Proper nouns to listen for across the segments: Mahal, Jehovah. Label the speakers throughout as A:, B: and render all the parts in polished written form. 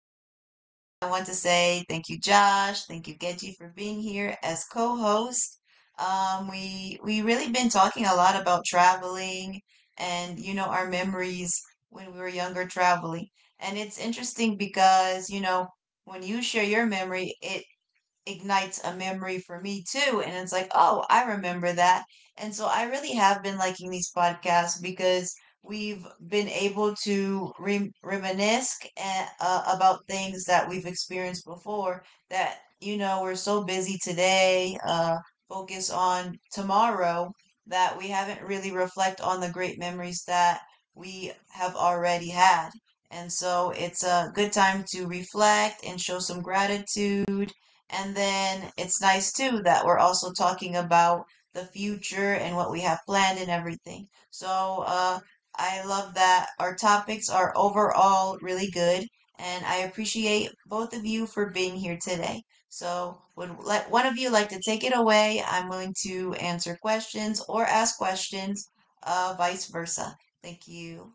A: Uh, I want to say thank you, Josh. Thank you, Geji, for being here as co-host. We really been talking a lot about traveling and you know our memories when we were younger traveling, and it's interesting because you know when you share your memory, it ignites a memory for me too. And it's like, oh, I remember that. And so I really have been liking these podcasts because we've been able to reminisce about things that we've experienced before that, you know, we're so busy today, focus on tomorrow, that we haven't really reflect on the great memories that we have already had. And so it's a good time to reflect and show some gratitude, and then it's nice too that we're also talking about the future and what we have planned and everything. So I love that our topics are overall really good, and I appreciate both of you for being here today. So would let one of you like to take it away? I'm willing to answer questions or ask questions, vice versa. Thank you.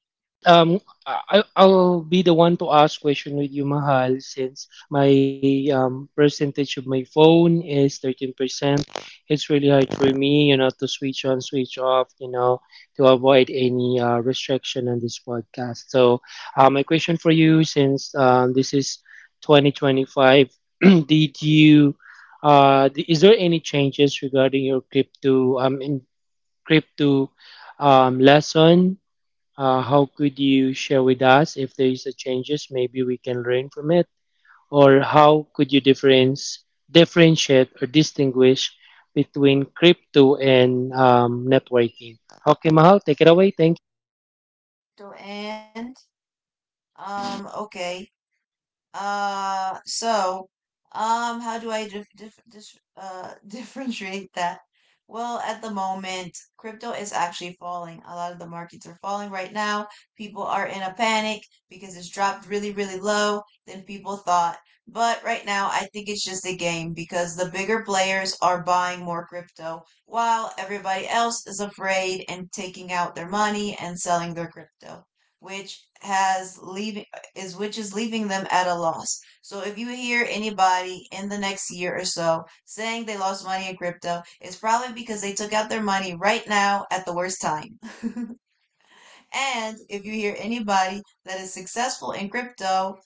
B: All right. I'll be the one to ask question with you, Mahal, since my percentage of my phone is 13%. It's really hard for me, you know, to switch on, switch off, you know, to avoid any restriction on this podcast. So, my question for you, since this is 2025, did you, is there any changes regarding your crypto, in crypto lesson? How could you share with us if there is a changes? Maybe we can learn from it. Or how could you difference differentiate or distinguish between crypto and networking? Okay, Mahal, take it away. Thank you.
A: Crypto and okay. Uh, so, how do I dif dif dis differentiate that? Well, at the moment, crypto is actually falling. A lot of the markets are falling right now. People are in a panic because it's dropped really, really low than people thought. But right now, I think it's just a game because the bigger players are buying more crypto while everybody else is afraid and taking out their money and selling their crypto, which has leave which is leaving them at a loss. So if you hear anybody in the next year or so saying they lost money in crypto, it's probably because they took out their money right now at the worst time. And if you hear anybody that is successful in crypto,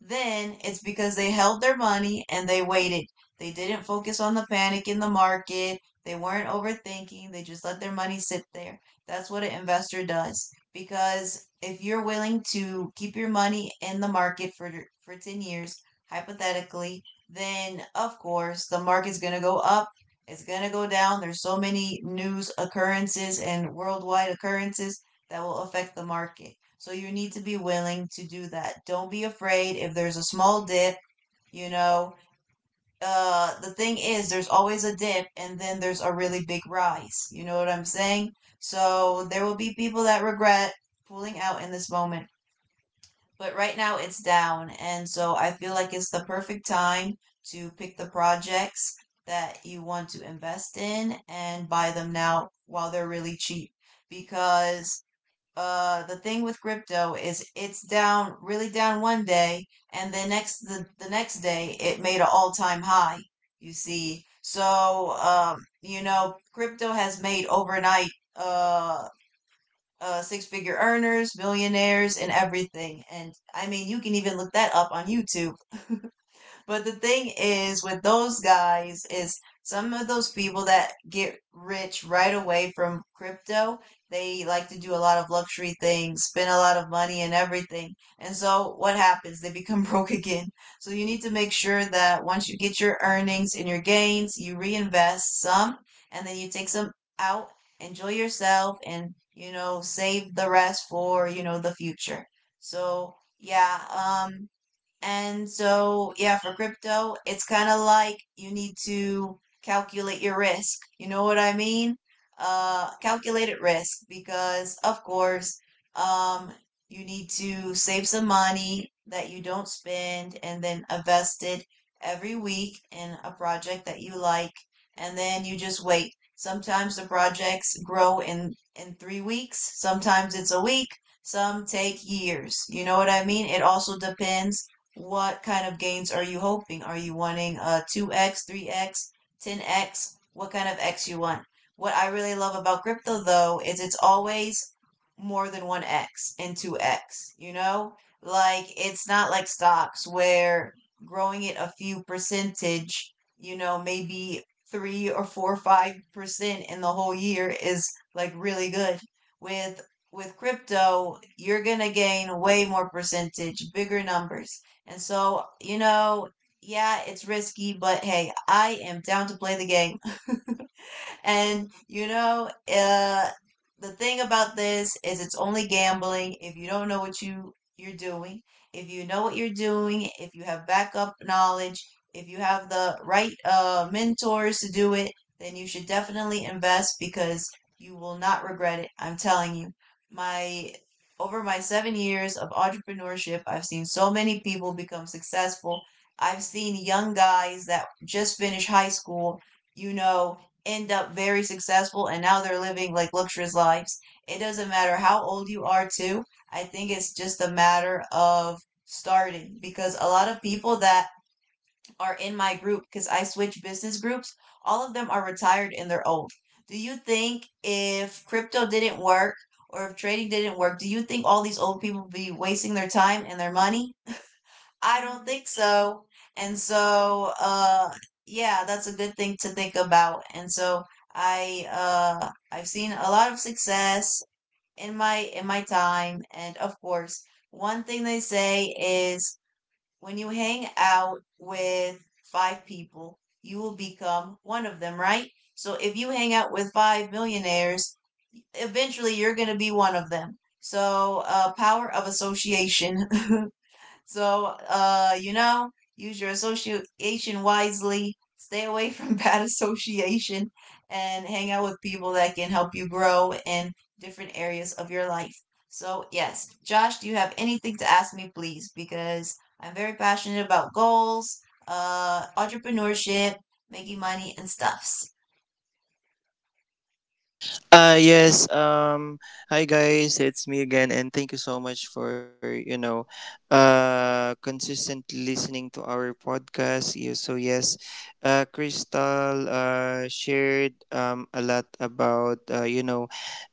A: then it's because they held their money and they waited. They didn't focus on the panic in the market. They weren't overthinking. They just let their money sit there. That's what an investor does. Because if you're willing to keep your money in the market for 10 years, hypothetically, then of course the market's going to go up. It's going to go down. There's so many news occurrences and worldwide occurrences that will affect the market. So you need to be willing to do that. Don't be afraid if there's a small dip, you know. The thing is there's always a dip and then there's a really big rise. You know what I'm saying? So there will be people that regret pulling out in this moment, but right now it's down and so I feel like it's the perfect time to pick the projects that you want to invest in and buy them now while they're really cheap, because the thing with crypto is it's down really down one day and the next day it made an all-time high, you see. So you know, crypto has made overnight uh six figure earners millionaires and everything, and I mean you can even look that up on YouTube. But the thing is with those guys is some of those people that get rich right away from crypto, they like to do a lot of luxury things, spend a lot of money and everything. And so what happens? They become broke again. So you need to make sure that once you get your earnings and your gains, you reinvest some and then you take some out, enjoy yourself, and you know, save the rest for, you know, the future. So yeah. um yeah, for crypto, it's kind of like you need to calculate your risk. You know what I mean? Calculated risk because, of course, um, you need to save some money that you don't spend and then invest it every week in a project that you like. And then you just wait. Sometimes the projects grow in 3 weeks, sometimes it's a week, some take years. You know what I mean? It also depends what kind of gains are you hoping? Are you wanting a 2x, 3x, 10x? What kind of X you want? What I really love about crypto though is it's always more than 1x and 2x, you know? Like it's not like stocks where growing it a few percentage, you know, maybe 3 or 4 5% in the whole year is like really good. With crypto, you're going to gain way more percentage, bigger numbers. And so, you know, yeah, it's risky, but hey, I am down to play the game. And you know, the thing about this is it's only gambling if you don't know what you're doing. If you know what you're doing, if you have backup knowledge, if you have the right mentors to do it, then you should definitely invest because you will not regret it. I'm telling you. My over my 7 years of entrepreneurship, I've seen so many people become successful. I've seen young guys that just finished high school, you know, end up very successful and now they're living like luxurious lives. It doesn't matter how old you are, too. I think it's just a matter of starting, because a lot of people that are in my group, because I switch business groups, all of them are retired and they're old. Do you think if crypto didn't work or if trading didn't work, do you think all these old people would be wasting their time and their money? I don't think so. And so, yeah, that's a good thing to think about. And so I've seen a lot of success in my time. And of course, one thing they say is when you hang out with five people, you will become one of them, right? So if you hang out with five millionaires, eventually you're going to be one of them. So, power of association. So, you know, use your association wisely. Stay away from bad association and hang out with people that can help you grow in different areas of your life. So, yes, Josh, do you have anything to ask me, please? Because I'm very passionate about goals, entrepreneurship, making money, and stuffs.
C: Yes, hi guys, it's me again, and thank you so much for consistent listening to our podcast. You so yes, Crystal shared a lot about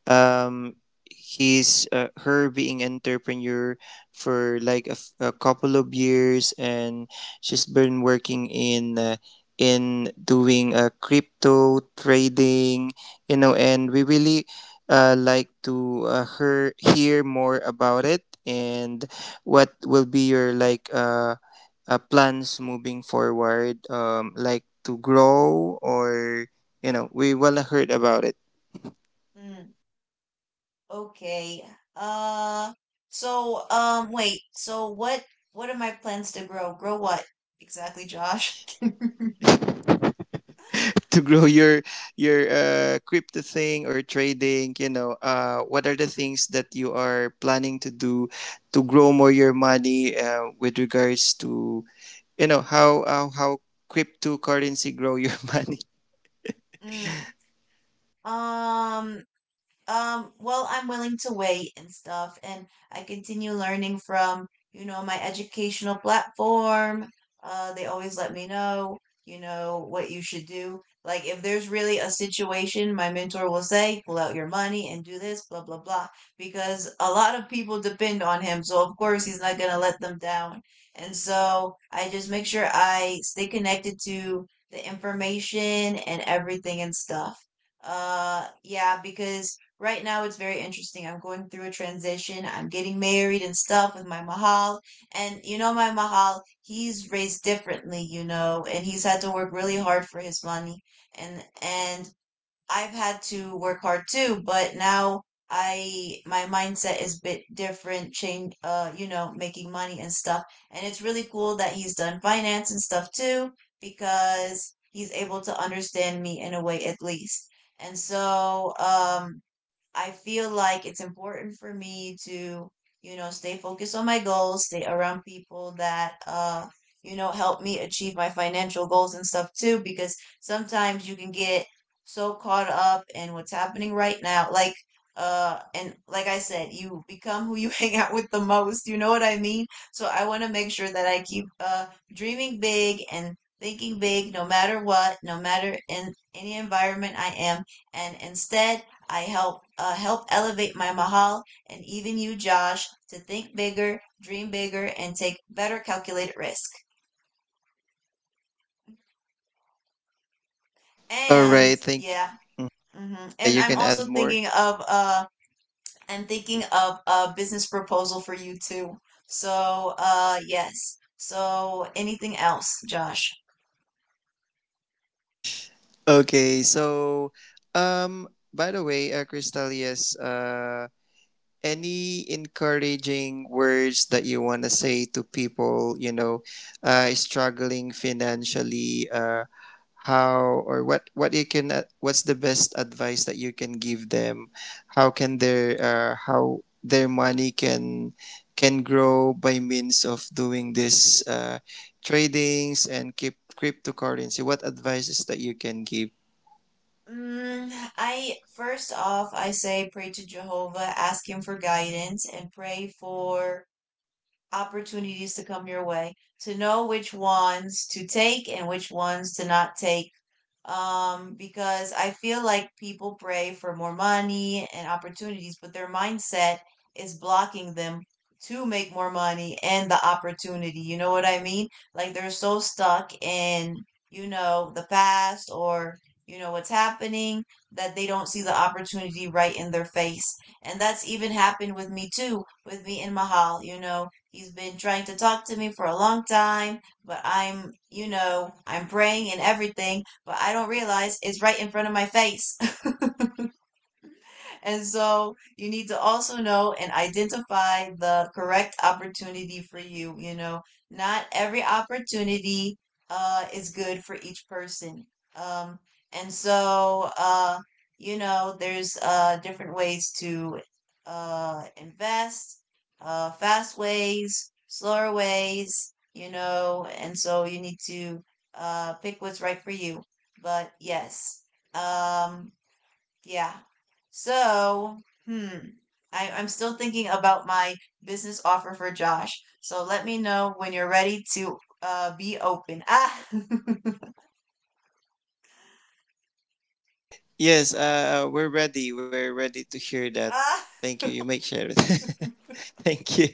C: um he's her being entrepreneur for like a couple of years, and she's been working in doing crypto trading, and we really like to her hear more about it. And what will be your like plans moving forward, like to grow, or we want to heard about it.
A: Mm. Okay. Uh wait, so what are my plans to grow? Grow what exactly, Josh?
C: To grow your crypto thing or trading, what are the things that you are planning to do to grow more your money, with regards to, how cryptocurrency grow your money.
A: mm. Um well, I'm willing to wait and stuff, and I continue learning from, you know, my educational platform. They always let me know, you know, what you should do. Like, if there's really a situation, my mentor will say, pull out your money and do this, blah, blah, blah, because a lot of people depend on him. So, of course, he's not gonna let them down. And so I just make sure I stay connected to the information and everything and stuff. Yeah, because right now it's very interesting. I'm going through a transition. I'm getting married and stuff with my Mahal. And you know, my Mahal, he's raised differently, you know, and he's had to work really hard for his money. And I've had to work hard too, but now I my mindset is a bit different, change you know, making money and stuff. And it's really cool that he's done finance and stuff too, because he's able to understand me in a way at least. And so, I feel like it's important for me to, you know, stay focused on my goals, stay around people that, you know, help me achieve my financial goals and stuff too, because sometimes you can get so caught up in what's happening right now. Like, and like I said, you become who you hang out with the most. You know what I mean? So I want to make sure that I keep, dreaming big and thinking big no matter what, no matter in any environment I am. And instead, I help elevate my Mahal and even you, Josh, to think bigger, dream bigger, and take better calculated risk.
C: All
A: And
C: right, think.
A: yeah, hmm
C: Yeah,
A: and
C: you can add more.
A: I'm thinking of a business proposal for you too. So yes. So anything else, Josh?
C: Okay so um by the way, Crystal, yes, any encouraging words that you want to say to people, struggling financially. How or what you can, what's the best advice that you can give them? How can their, how their money can grow by means of doing this, tradings and keep cryptocurrency? What advices that you can give?
A: Mm, I first off, I say pray to Jehovah, ask him for guidance, and pray for opportunities to come your way, to know which ones to take and which ones to not take, because I feel like people pray for more money and opportunities, but their mindset is blocking them to make more money and the opportunity. You know what I mean? Like they're so stuck in, you know, the past or, you know, what's happening that they don't see the opportunity right in their face. And that's even happened with me too, with me and Mahal. You know, he's been trying to talk to me for a long time, but I'm praying and everything but I don't realize is right in front of my face. And so you need to also know and identify the correct opportunity for you. Not every opportunity is good for each person. Um, and so, you know, there's different ways to invest, fast ways, slower ways, you know, and so you need to pick what's right for you. But yes, um, yeah. So, hmm. I'm still thinking about my business offer for Josh. So let me know when you're ready to be open. Ah,
C: Yes, we're ready to hear that.
A: ah.
C: Thank you, you may share it. Thank you.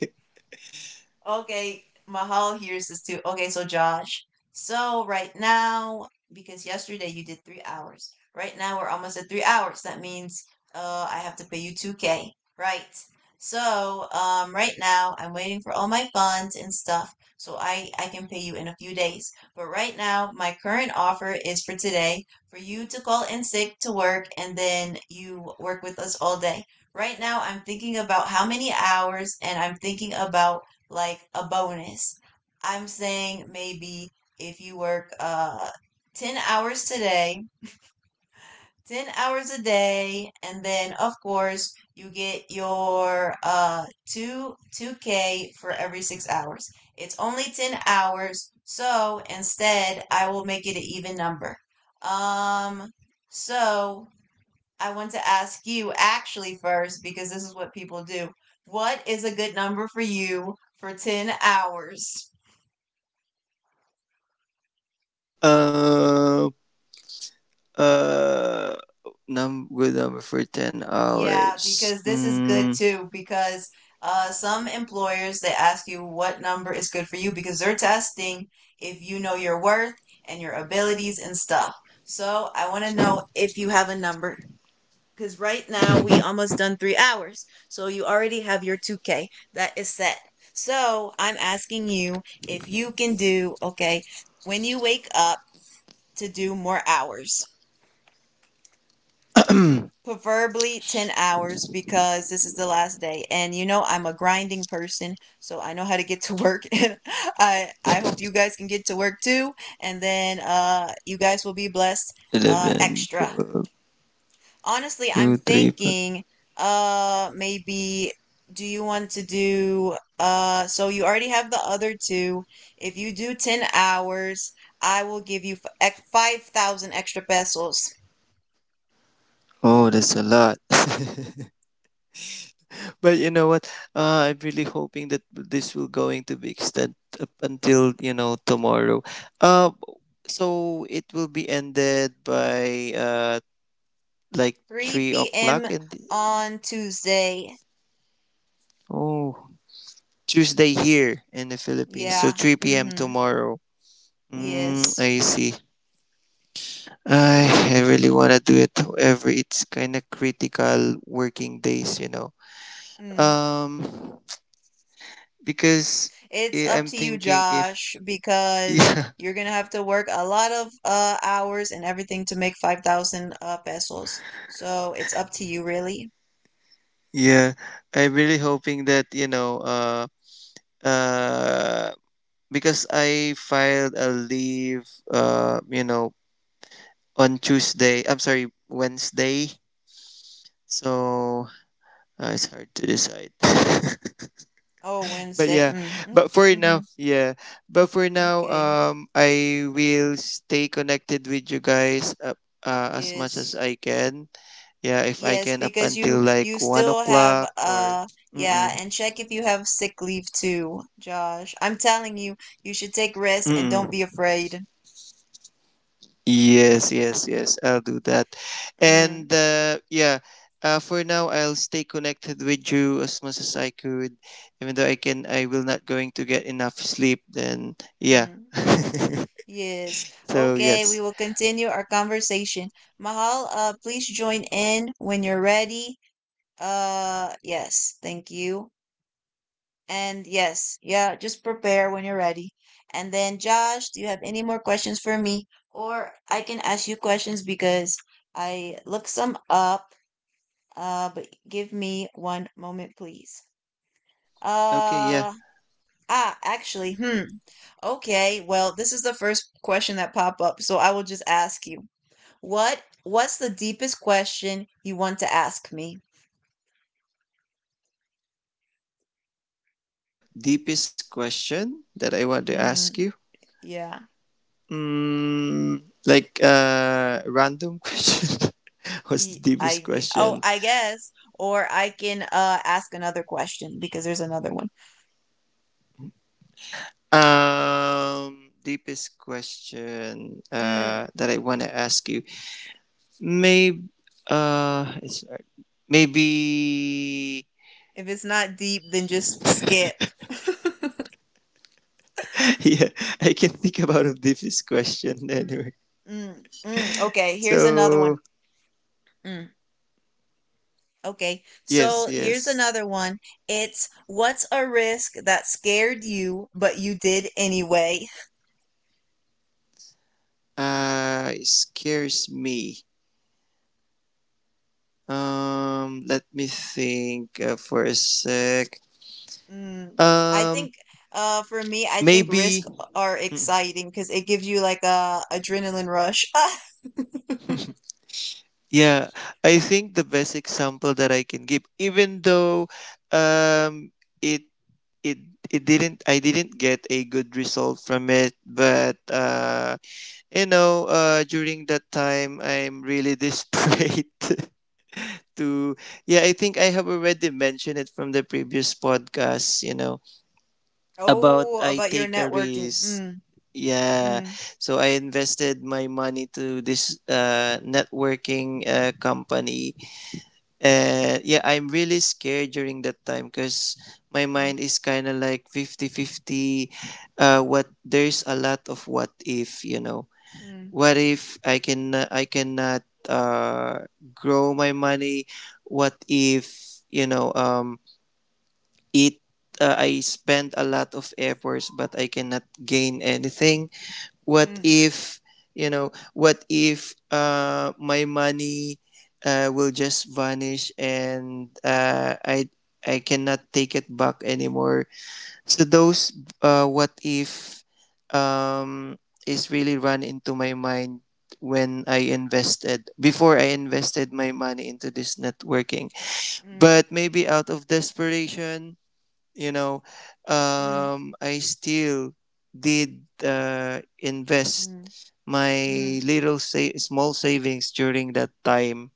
A: Okay, Mahal hears this too. Okay, so Josh, so right now, because yesterday you did 3 hours, right now we're almost at 3 hours. That means I have to pay you 2K, right? So right now I'm waiting for all my funds and stuff, so I can pay you in a few days. But right now, my current offer is for today for you to call in sick to work and then you work with us all day. Right now, I'm thinking about how many hours and I'm thinking about like a bonus. I'm saying maybe if you work 10 hours today, 10 hours a day, and then of course you get your 2 2k for every 6 hours. It's only 10 hours, so instead I will make it an even number. Um so I want to ask you actually first because this is what people do. What is a good number for you for 10 hours?
C: Uh, uh, num good number for 10
A: Yeah,
C: hours.
A: because this is good
C: Mm,
A: too. Because some employers they ask you what number is good for you because they're testing if you know your worth and your abilities and stuff. So I want to know if you have a number because right now we almost done 3 hours. So you already have your 2K that is set. So I'm asking you if you can do okay when you wake up to do more hours. Preferably 10 hours because this is the last day and you know I'm a grinding person so I know how to get to work and I hope you guys can get to work too and then you guys will be blessed
C: 11,
A: extra. Honestly I'm
C: two, three, four.
A: thinking maybe, do you want to do uh, so you already have the other two, if you do 10 hours I will give you 5,000 extra pesos.
C: Oh, that's a lot. But you know what? I'm really hoping that this will going to be extended up until, tomorrow. Uh, so it will be ended by, like 3
A: 3 p.m.
C: o'clock, and
A: on Tuesday.
C: oh, Tuesday here in the Philippines. So
A: Yeah.
C: 3 p.m.
A: Mm-hmm.
C: tomorrow. Mm,
A: Yes.
C: I see. I really want to do it. However, it's kind of critical working days, you know.
A: Mm.
C: Um, because,
A: It's up
C: I'm
A: to you,
C: thinking if—
A: Josh, because
C: yeah,
A: you're gonna have to work a lot of hours and everything to make 5,000 pesos. So it's up to you, really.
C: yeah, I'm really hoping that, uh, because I filed a leave, on Tuesday. I'm sorry, Wednesday. So, it's hard to decide.
A: Oh,
C: But
A: Wednesday.
C: yeah.
A: Mm, mm.
C: but for
A: Mm-hmm.
C: now yeah but for now,
A: Okay.
C: I will stay connected with you guys, as much as
A: Yes.
C: I can. Yeah, if I
A: Yes,
C: can, up
A: because you
C: until like one
A: still have
C: o'clock or—
A: uh,
C: mm-mm,
A: yeah, and check if you have sick leave too, Josh. I'm telling you, you should take rest and don't
C: mm-mm.
A: be afraid.
C: Yes, yes, yes, I'll do that.
A: Mm,
C: And, yeah, for now I'll stay connected with you as much as I could, even though I can. I will not going to get enough sleep then. Yeah.
A: mm. Yes.
C: So
A: Okay, we
C: yes.
A: will continue our conversation. Mahal, please join in when you're ready. Yes, thank you. And yes, yeah, just prepare when you're ready. And then, Josh, do you have any more questions for me? Or I can ask you questions because I looked some up. But give me one moment, please.
C: Okay. Yeah.
A: Uh, actually, hmm. Okay, well, this is the first question that pop up, so I will just ask you. What's the deepest question you want to ask me?
C: Deepest question that I want to ask
A: Mm-hmm.
C: you?
A: Yeah.
C: Mm, like a, random question. What's the
A: Ye
C: deepest
A: I g oh,
C: question?
A: I guess, or I can, ask another question because there's another one.
C: Deepest question,
A: Mm,
C: that I want to ask you. Maybe, it's, maybe.
A: if it's not deep, then just skip.
C: Yeah. I can think about a deepest question anyway.
A: Mm, mm, okay, here's another one.
C: So
A: Mm, okay,
C: yes,
A: so
C: yes.
A: here's another one. It's, "What's a risk that scared you, but you did anyway?"
C: It scares me. Let me think, for a sec.
A: Mm. I
C: Um,
A: think for me, I think risk
C: Maybe.
A: are
C: Mm.
A: exciting because it gives you like a adrenaline rush.
C: Yeah, I think the best example that I can give, even though, um, it it it didn't I didn't get a good result from it, but, you know, during that time I'm really desperate to. Yeah, I think I have already mentioned it from the previous podcast. You know, about
A: Oh,
C: I
A: about your
C: take a
A: networking.
C: risk.
A: Mm,
C: Yeah.
A: mm,
C: So I invested my money to this, networking, company. And yeah, I'm really scared during that time because my
A: mm,
C: mind is kind of like 50-50. What There's a lot of what if, you know.
A: mm,
C: What if I can, I cannot, uh, grow my money? What if, you know, it, I spend a lot of efforts, but I cannot gain anything? What
A: mm,
C: if, you know, what if, my money, will just vanish, and, I cannot take it back anymore. So those, what if, um, is really run into my mind when I invested— before I invested my money into this networking.
A: mm,
C: But maybe out of desperation, you know,
A: mm,
C: I still did, invest
A: mm,
C: my
A: mm,
C: little small savings during that time,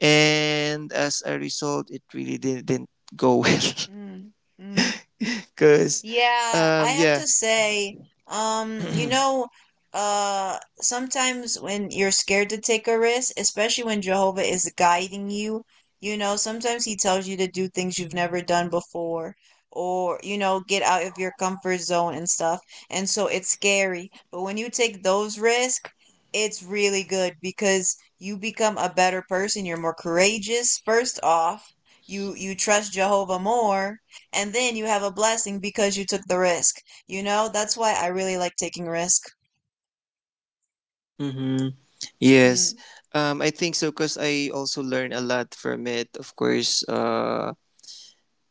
C: and as a result it really didn't go well
A: mm, mm.
C: because—
A: Yeah, I have
C: yeah.
A: to say, you know, sometimes when you're scared to take a risk, especially when Jehovah is guiding you, you know, sometimes he tells you to do things you've never done before or, you know, get out of your comfort zone and stuff. And so it's scary. But when you take those risks, it's really good because you become a better person. You're more courageous, first off. You trust Jehovah more and then you have a blessing because you took the risk. You know, that's why I really like taking risk.
C: Mm-hmm. Yes.
A: Mm,
C: I think so, because I also learned a lot from it, of course.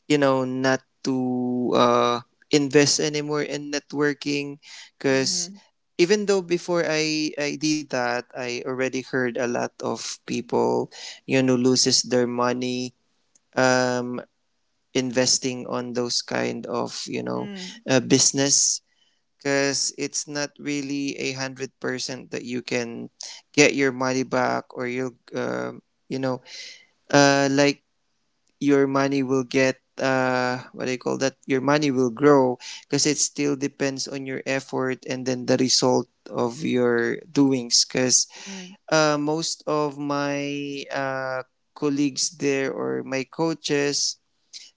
C: You know, not to, invest anymore in networking, because
A: mm-hmm,
C: even though before I did that, I already heard a lot of people, you know, loses their money, um, investing on those kind of, you know,
A: mm,
C: business, because it's not really 100% that you can get your money back, or you'll, you know like your money will get, what do you call that, your money will grow, because it still depends on your effort and then the result of your doings, because,
A: mm,
C: most of my, colleagues there or my coaches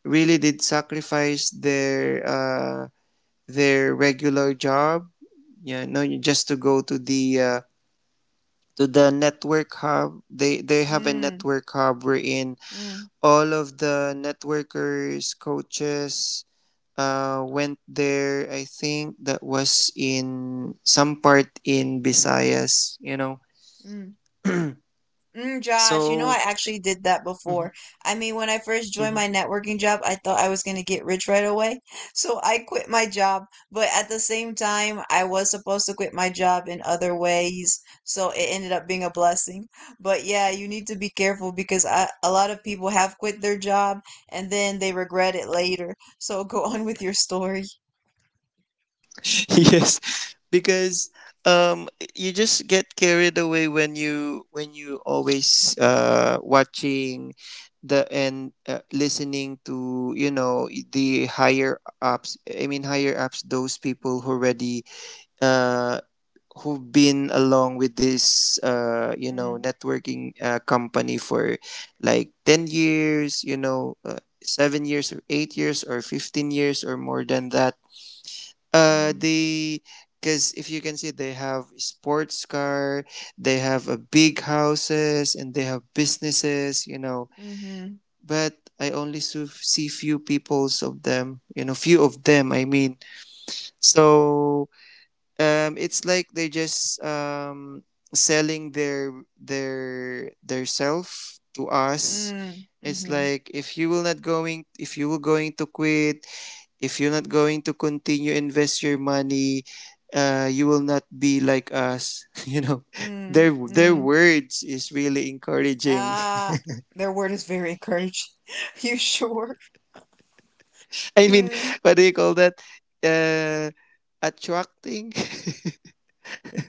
C: really did sacrifice their regular job. Yeah no, just to go to the, to the network hub. They have a
A: mm,
C: network hub wherein
A: mm,
C: all of the networkers, coaches, went there. I think that was in some part in Visayas, you know.
A: mm. Mm, Josh, you know, I
C: So.
A: actually did that
C: Mhm,
A: before. I mean, when I first joined
C: mhm.
A: my networking job, I thought I was going to get rich right away. So I quit my job. But at the same time, I was supposed to quit my job in other ways. So it ended up being a blessing. But yeah, you need to be careful because a lot of people have quit their job and then they regret it later. So go on with your story.
C: Yes, because, um you just get carried away when you always, watching the— and, listening to, you know, the higher ups— I mean, higher ups, those people who already, uh, who've been along with this,
A: Mm,
C: networking, company for like 10 years, you know, 7 years, or 8 years, or 15 years, or more than that.
A: mhm,
C: They— because if you can see, they have sports car, they have a big houses, and they have businesses, you know.
A: mhm,
C: But I only see few peoples of them, you know, few of them, I mean. So, it's like they just, selling their self to us. It's
A: mhm,
C: like if you will not going— if you will going to quit, if you're not going to continue invest your money, you will not be like us. You know,
A: mm,
C: their
A: mm.
C: words is really encouraging.
A: Ah, their word is very encouraging. You sure?
C: I mean,
A: Mm,
C: what do you call that, uh attracting.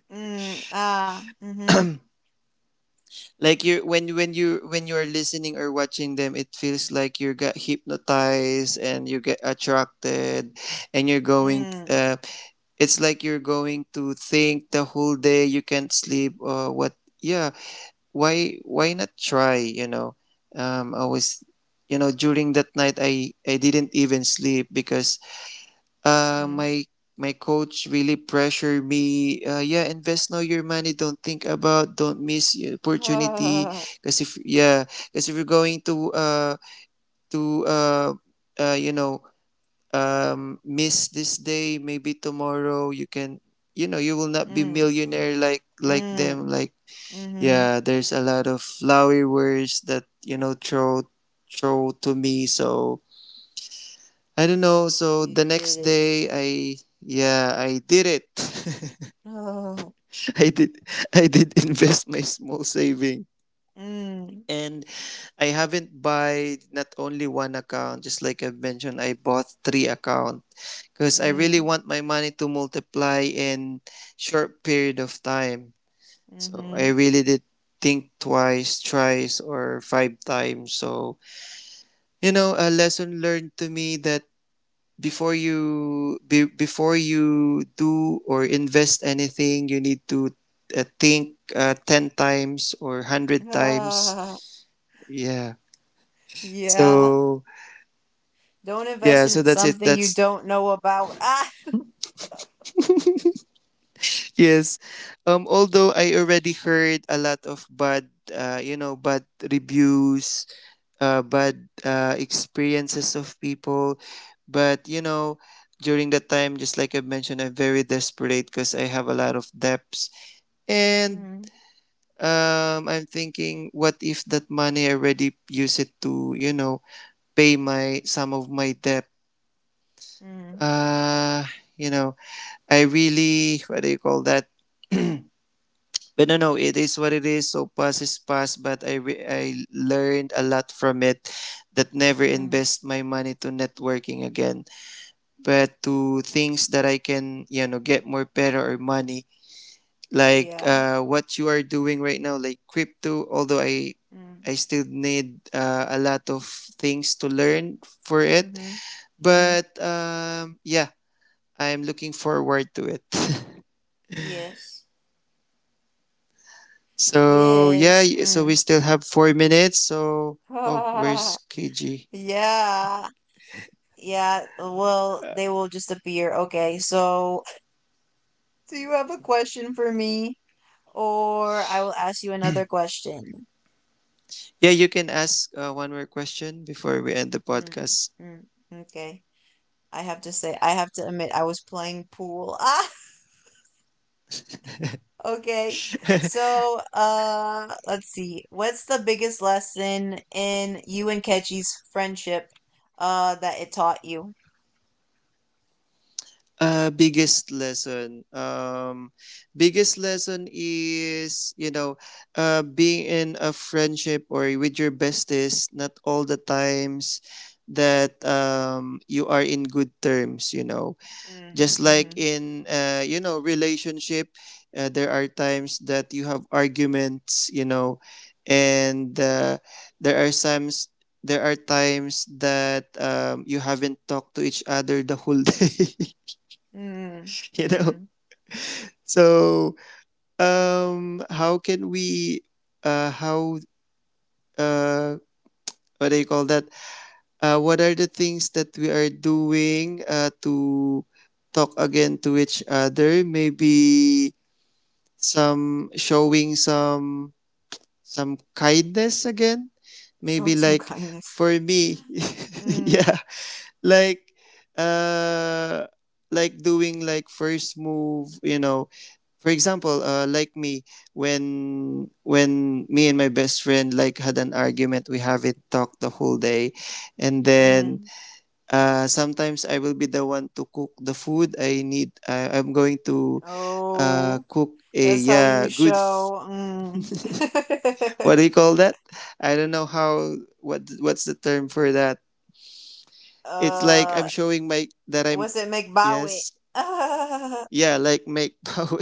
A: mm, ah, mhm,
C: Like you, when you're listening or watching them, it feels like you got hypnotized and you get attracted, and you're going,
A: mm,
C: it's like you're going to think the whole day, you can't sleep or what. Yeah, why not try, you know. I was, you know, during that night I didn't even sleep because, uh,
A: mm,
C: my my coach really pressured me. Yeah, invest now your money. Don't think about. Don't miss your opportunity.
A: ah,
C: Because if— yeah, because if you're going to, to uh, uh you know miss this day, maybe tomorrow you can, you know, you will not be
A: mm,
C: millionaire like them.
A: mm,
C: Like—
A: mhm.
C: yeah, there's a lot of flowery words that, you know, throw to me. So I don't know. So
A: You
C: the next
A: did it.
C: day, I— yeah, I did it.
A: Oh,
C: I did I did invest my small saving.
A: mm,
C: And I haven't buy not only one account, just like I've mentioned, I bought three account because I really
A: mm,
C: want my money to multiply in short period of time. So
A: mm-hmm.
C: I really did think twice, thrice, or five times. So you know, a lesson learned to me that before you be— before you do or invest anything, you need to, think, 10 times or 100 times.
A: Ah,
C: Yeah,
A: yeah.
C: so
A: Don't invest
C: yeah, so
A: in
C: that's it,
A: something you
C: that's—
A: don't know about. Ah,
C: yes. Although I already heard a lot of bad, bad reviews, bad, experiences of people, but you know, during that time, just like I mentioned, I'm very desperate because I have a lot of debts, and—
A: mm,
C: I'm thinking, what if that money I already use it to, you know, pay my— some of my debt?
A: mm,
C: Uh, you know, I really— what do you call that? But no, no, it is what it is. So past is past. But I learned a lot from it. That never
A: mm,
C: invest my money to networking again, but to things that I can, you know, get more better or money, like,
A: yeah.
C: what you are doing right now, like crypto. Although i
A: Mm,
C: i still need, a lot of things to learn for it,
A: mm-hmm, mm-hmm.
C: but, yeah, I'm looking forward to it.
A: Yes,
C: So yeah,
A: yes.
C: so we
A: Mm.
C: still have 4 minutes. So oh,
A: Ah,
C: where's KG?
A: yeah, yeah. Well, they will just appear. Okay, so do you have a question for me? Or I will ask you another question.
C: Yeah, you can ask, one more question before we end the
A: Mm,
C: podcast.
A: mm, okay. I have to say, I have to admit, I was playing pool. Ah, okay. So, let's see. What's the biggest lesson in you and Ketchy's friendship, that it taught you?
C: Biggest lesson. Biggest lesson is, you know, being in a friendship or with your besties. Not all the times that, you are in good terms. You know, just
A: Mm,
C: like
A: mm-hmm.
C: in, relationship, there are times that you have arguments. You know, and, there are times there are times that, you haven't talked to each other the whole day.
A: Mm,
C: You know.
A: mm-hmm.
C: So, how can we, how, uh, what do you call that? What are the things that we are doing, to talk again to each other? Maybe some showing some kindness again.
A: Showing
C: Maybe,
A: some
C: like,
A: kindness.
C: for me,
A: Mm,
C: yeah, like, uh, like doing like first move, you know, for example, like me, when me and my best friend like had an argument, we have it talk the whole day, and then,
A: mm.
C: sometimes I will be the one to cook the food I need. I'm going to,
A: Oh,
C: cook a—
A: that's how
C: yeah
A: you
C: good.
A: show. Mm.
C: What do you call that? I don't know how— what's the term for that. It's like
A: uh,
C: I'm showing my that I'm—
A: What's it McBowitt?
C: yes, yeah, like make power.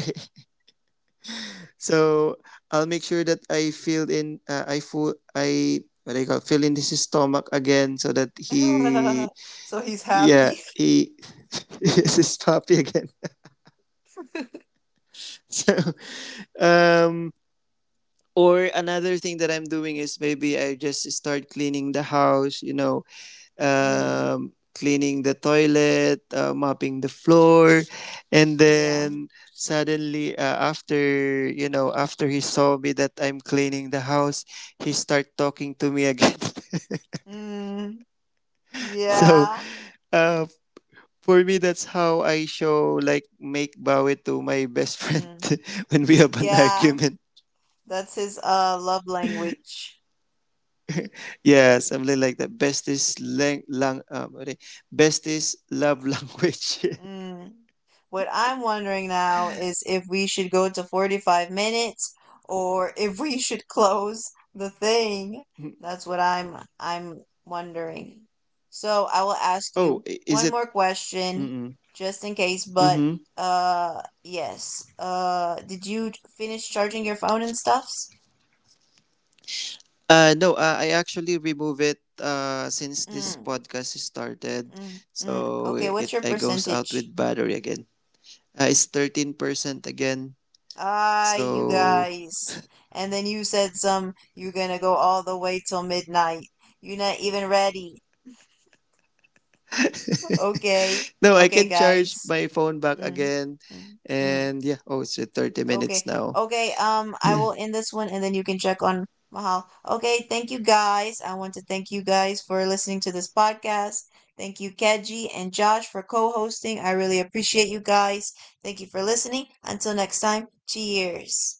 C: So I'll make sure that I fill in, I full— I— what do you call, fill in his stomach again, so that he—
A: so he's
C: yeah,
A: happy.
C: he is his puppy again. So, um or another thing that I'm doing is maybe I just start cleaning the house, you know,
A: mm,
C: cleaning the toilet, mopping the floor, and
A: yeah.
C: then suddenly, after— you know, after he saw me that I'm cleaning the house, he start talking to me again.
A: Mm,
C: So,
A: yeah.
C: uh, for me, that's how I show like make bawi to my best friend
A: Mm,
C: when we have an
A: yeah.
C: argument.
A: That's his love language.
C: Yeah, something like that. Best is lang, lang, what best is love language.
A: Mm. What I'm wondering now is if we should go to 45 minutes or if we should close the thing. That's what I'm wondering. So I will ask
C: Oh,
A: you
C: is
A: one
C: it?
A: more question
C: Mm-mm.
A: just in case, but
C: Mm-hmm.
A: yes. Did you finish charging your phone and stuffs?
C: No, I actually remove it, since this
A: Mm,
C: podcast started.
A: mm, mm.
C: So
A: Okay, what's
C: it,
A: your
C: it goes out
A: percentage?
C: with battery again. It's 13% again.
A: Ah, you
C: So
A: guys. And then you said some, you're gonna go all the way till midnight. You're not even ready. Okay.
C: no, I
A: Okay,
C: can charge
A: guys.
C: my phone back
A: Mm,
C: again.
A: mm, mm.
C: And yeah, oh, it's at 30 minutes
A: Okay.
C: now.
A: Okay, I will end this one and then you can check on Mahal. Okay, thank you guys. I want to thank you guys for listening to this podcast. Thank you, Keji and Josh, for co-hosting. I really appreciate you guys. Thank you for listening. Until next time, cheers.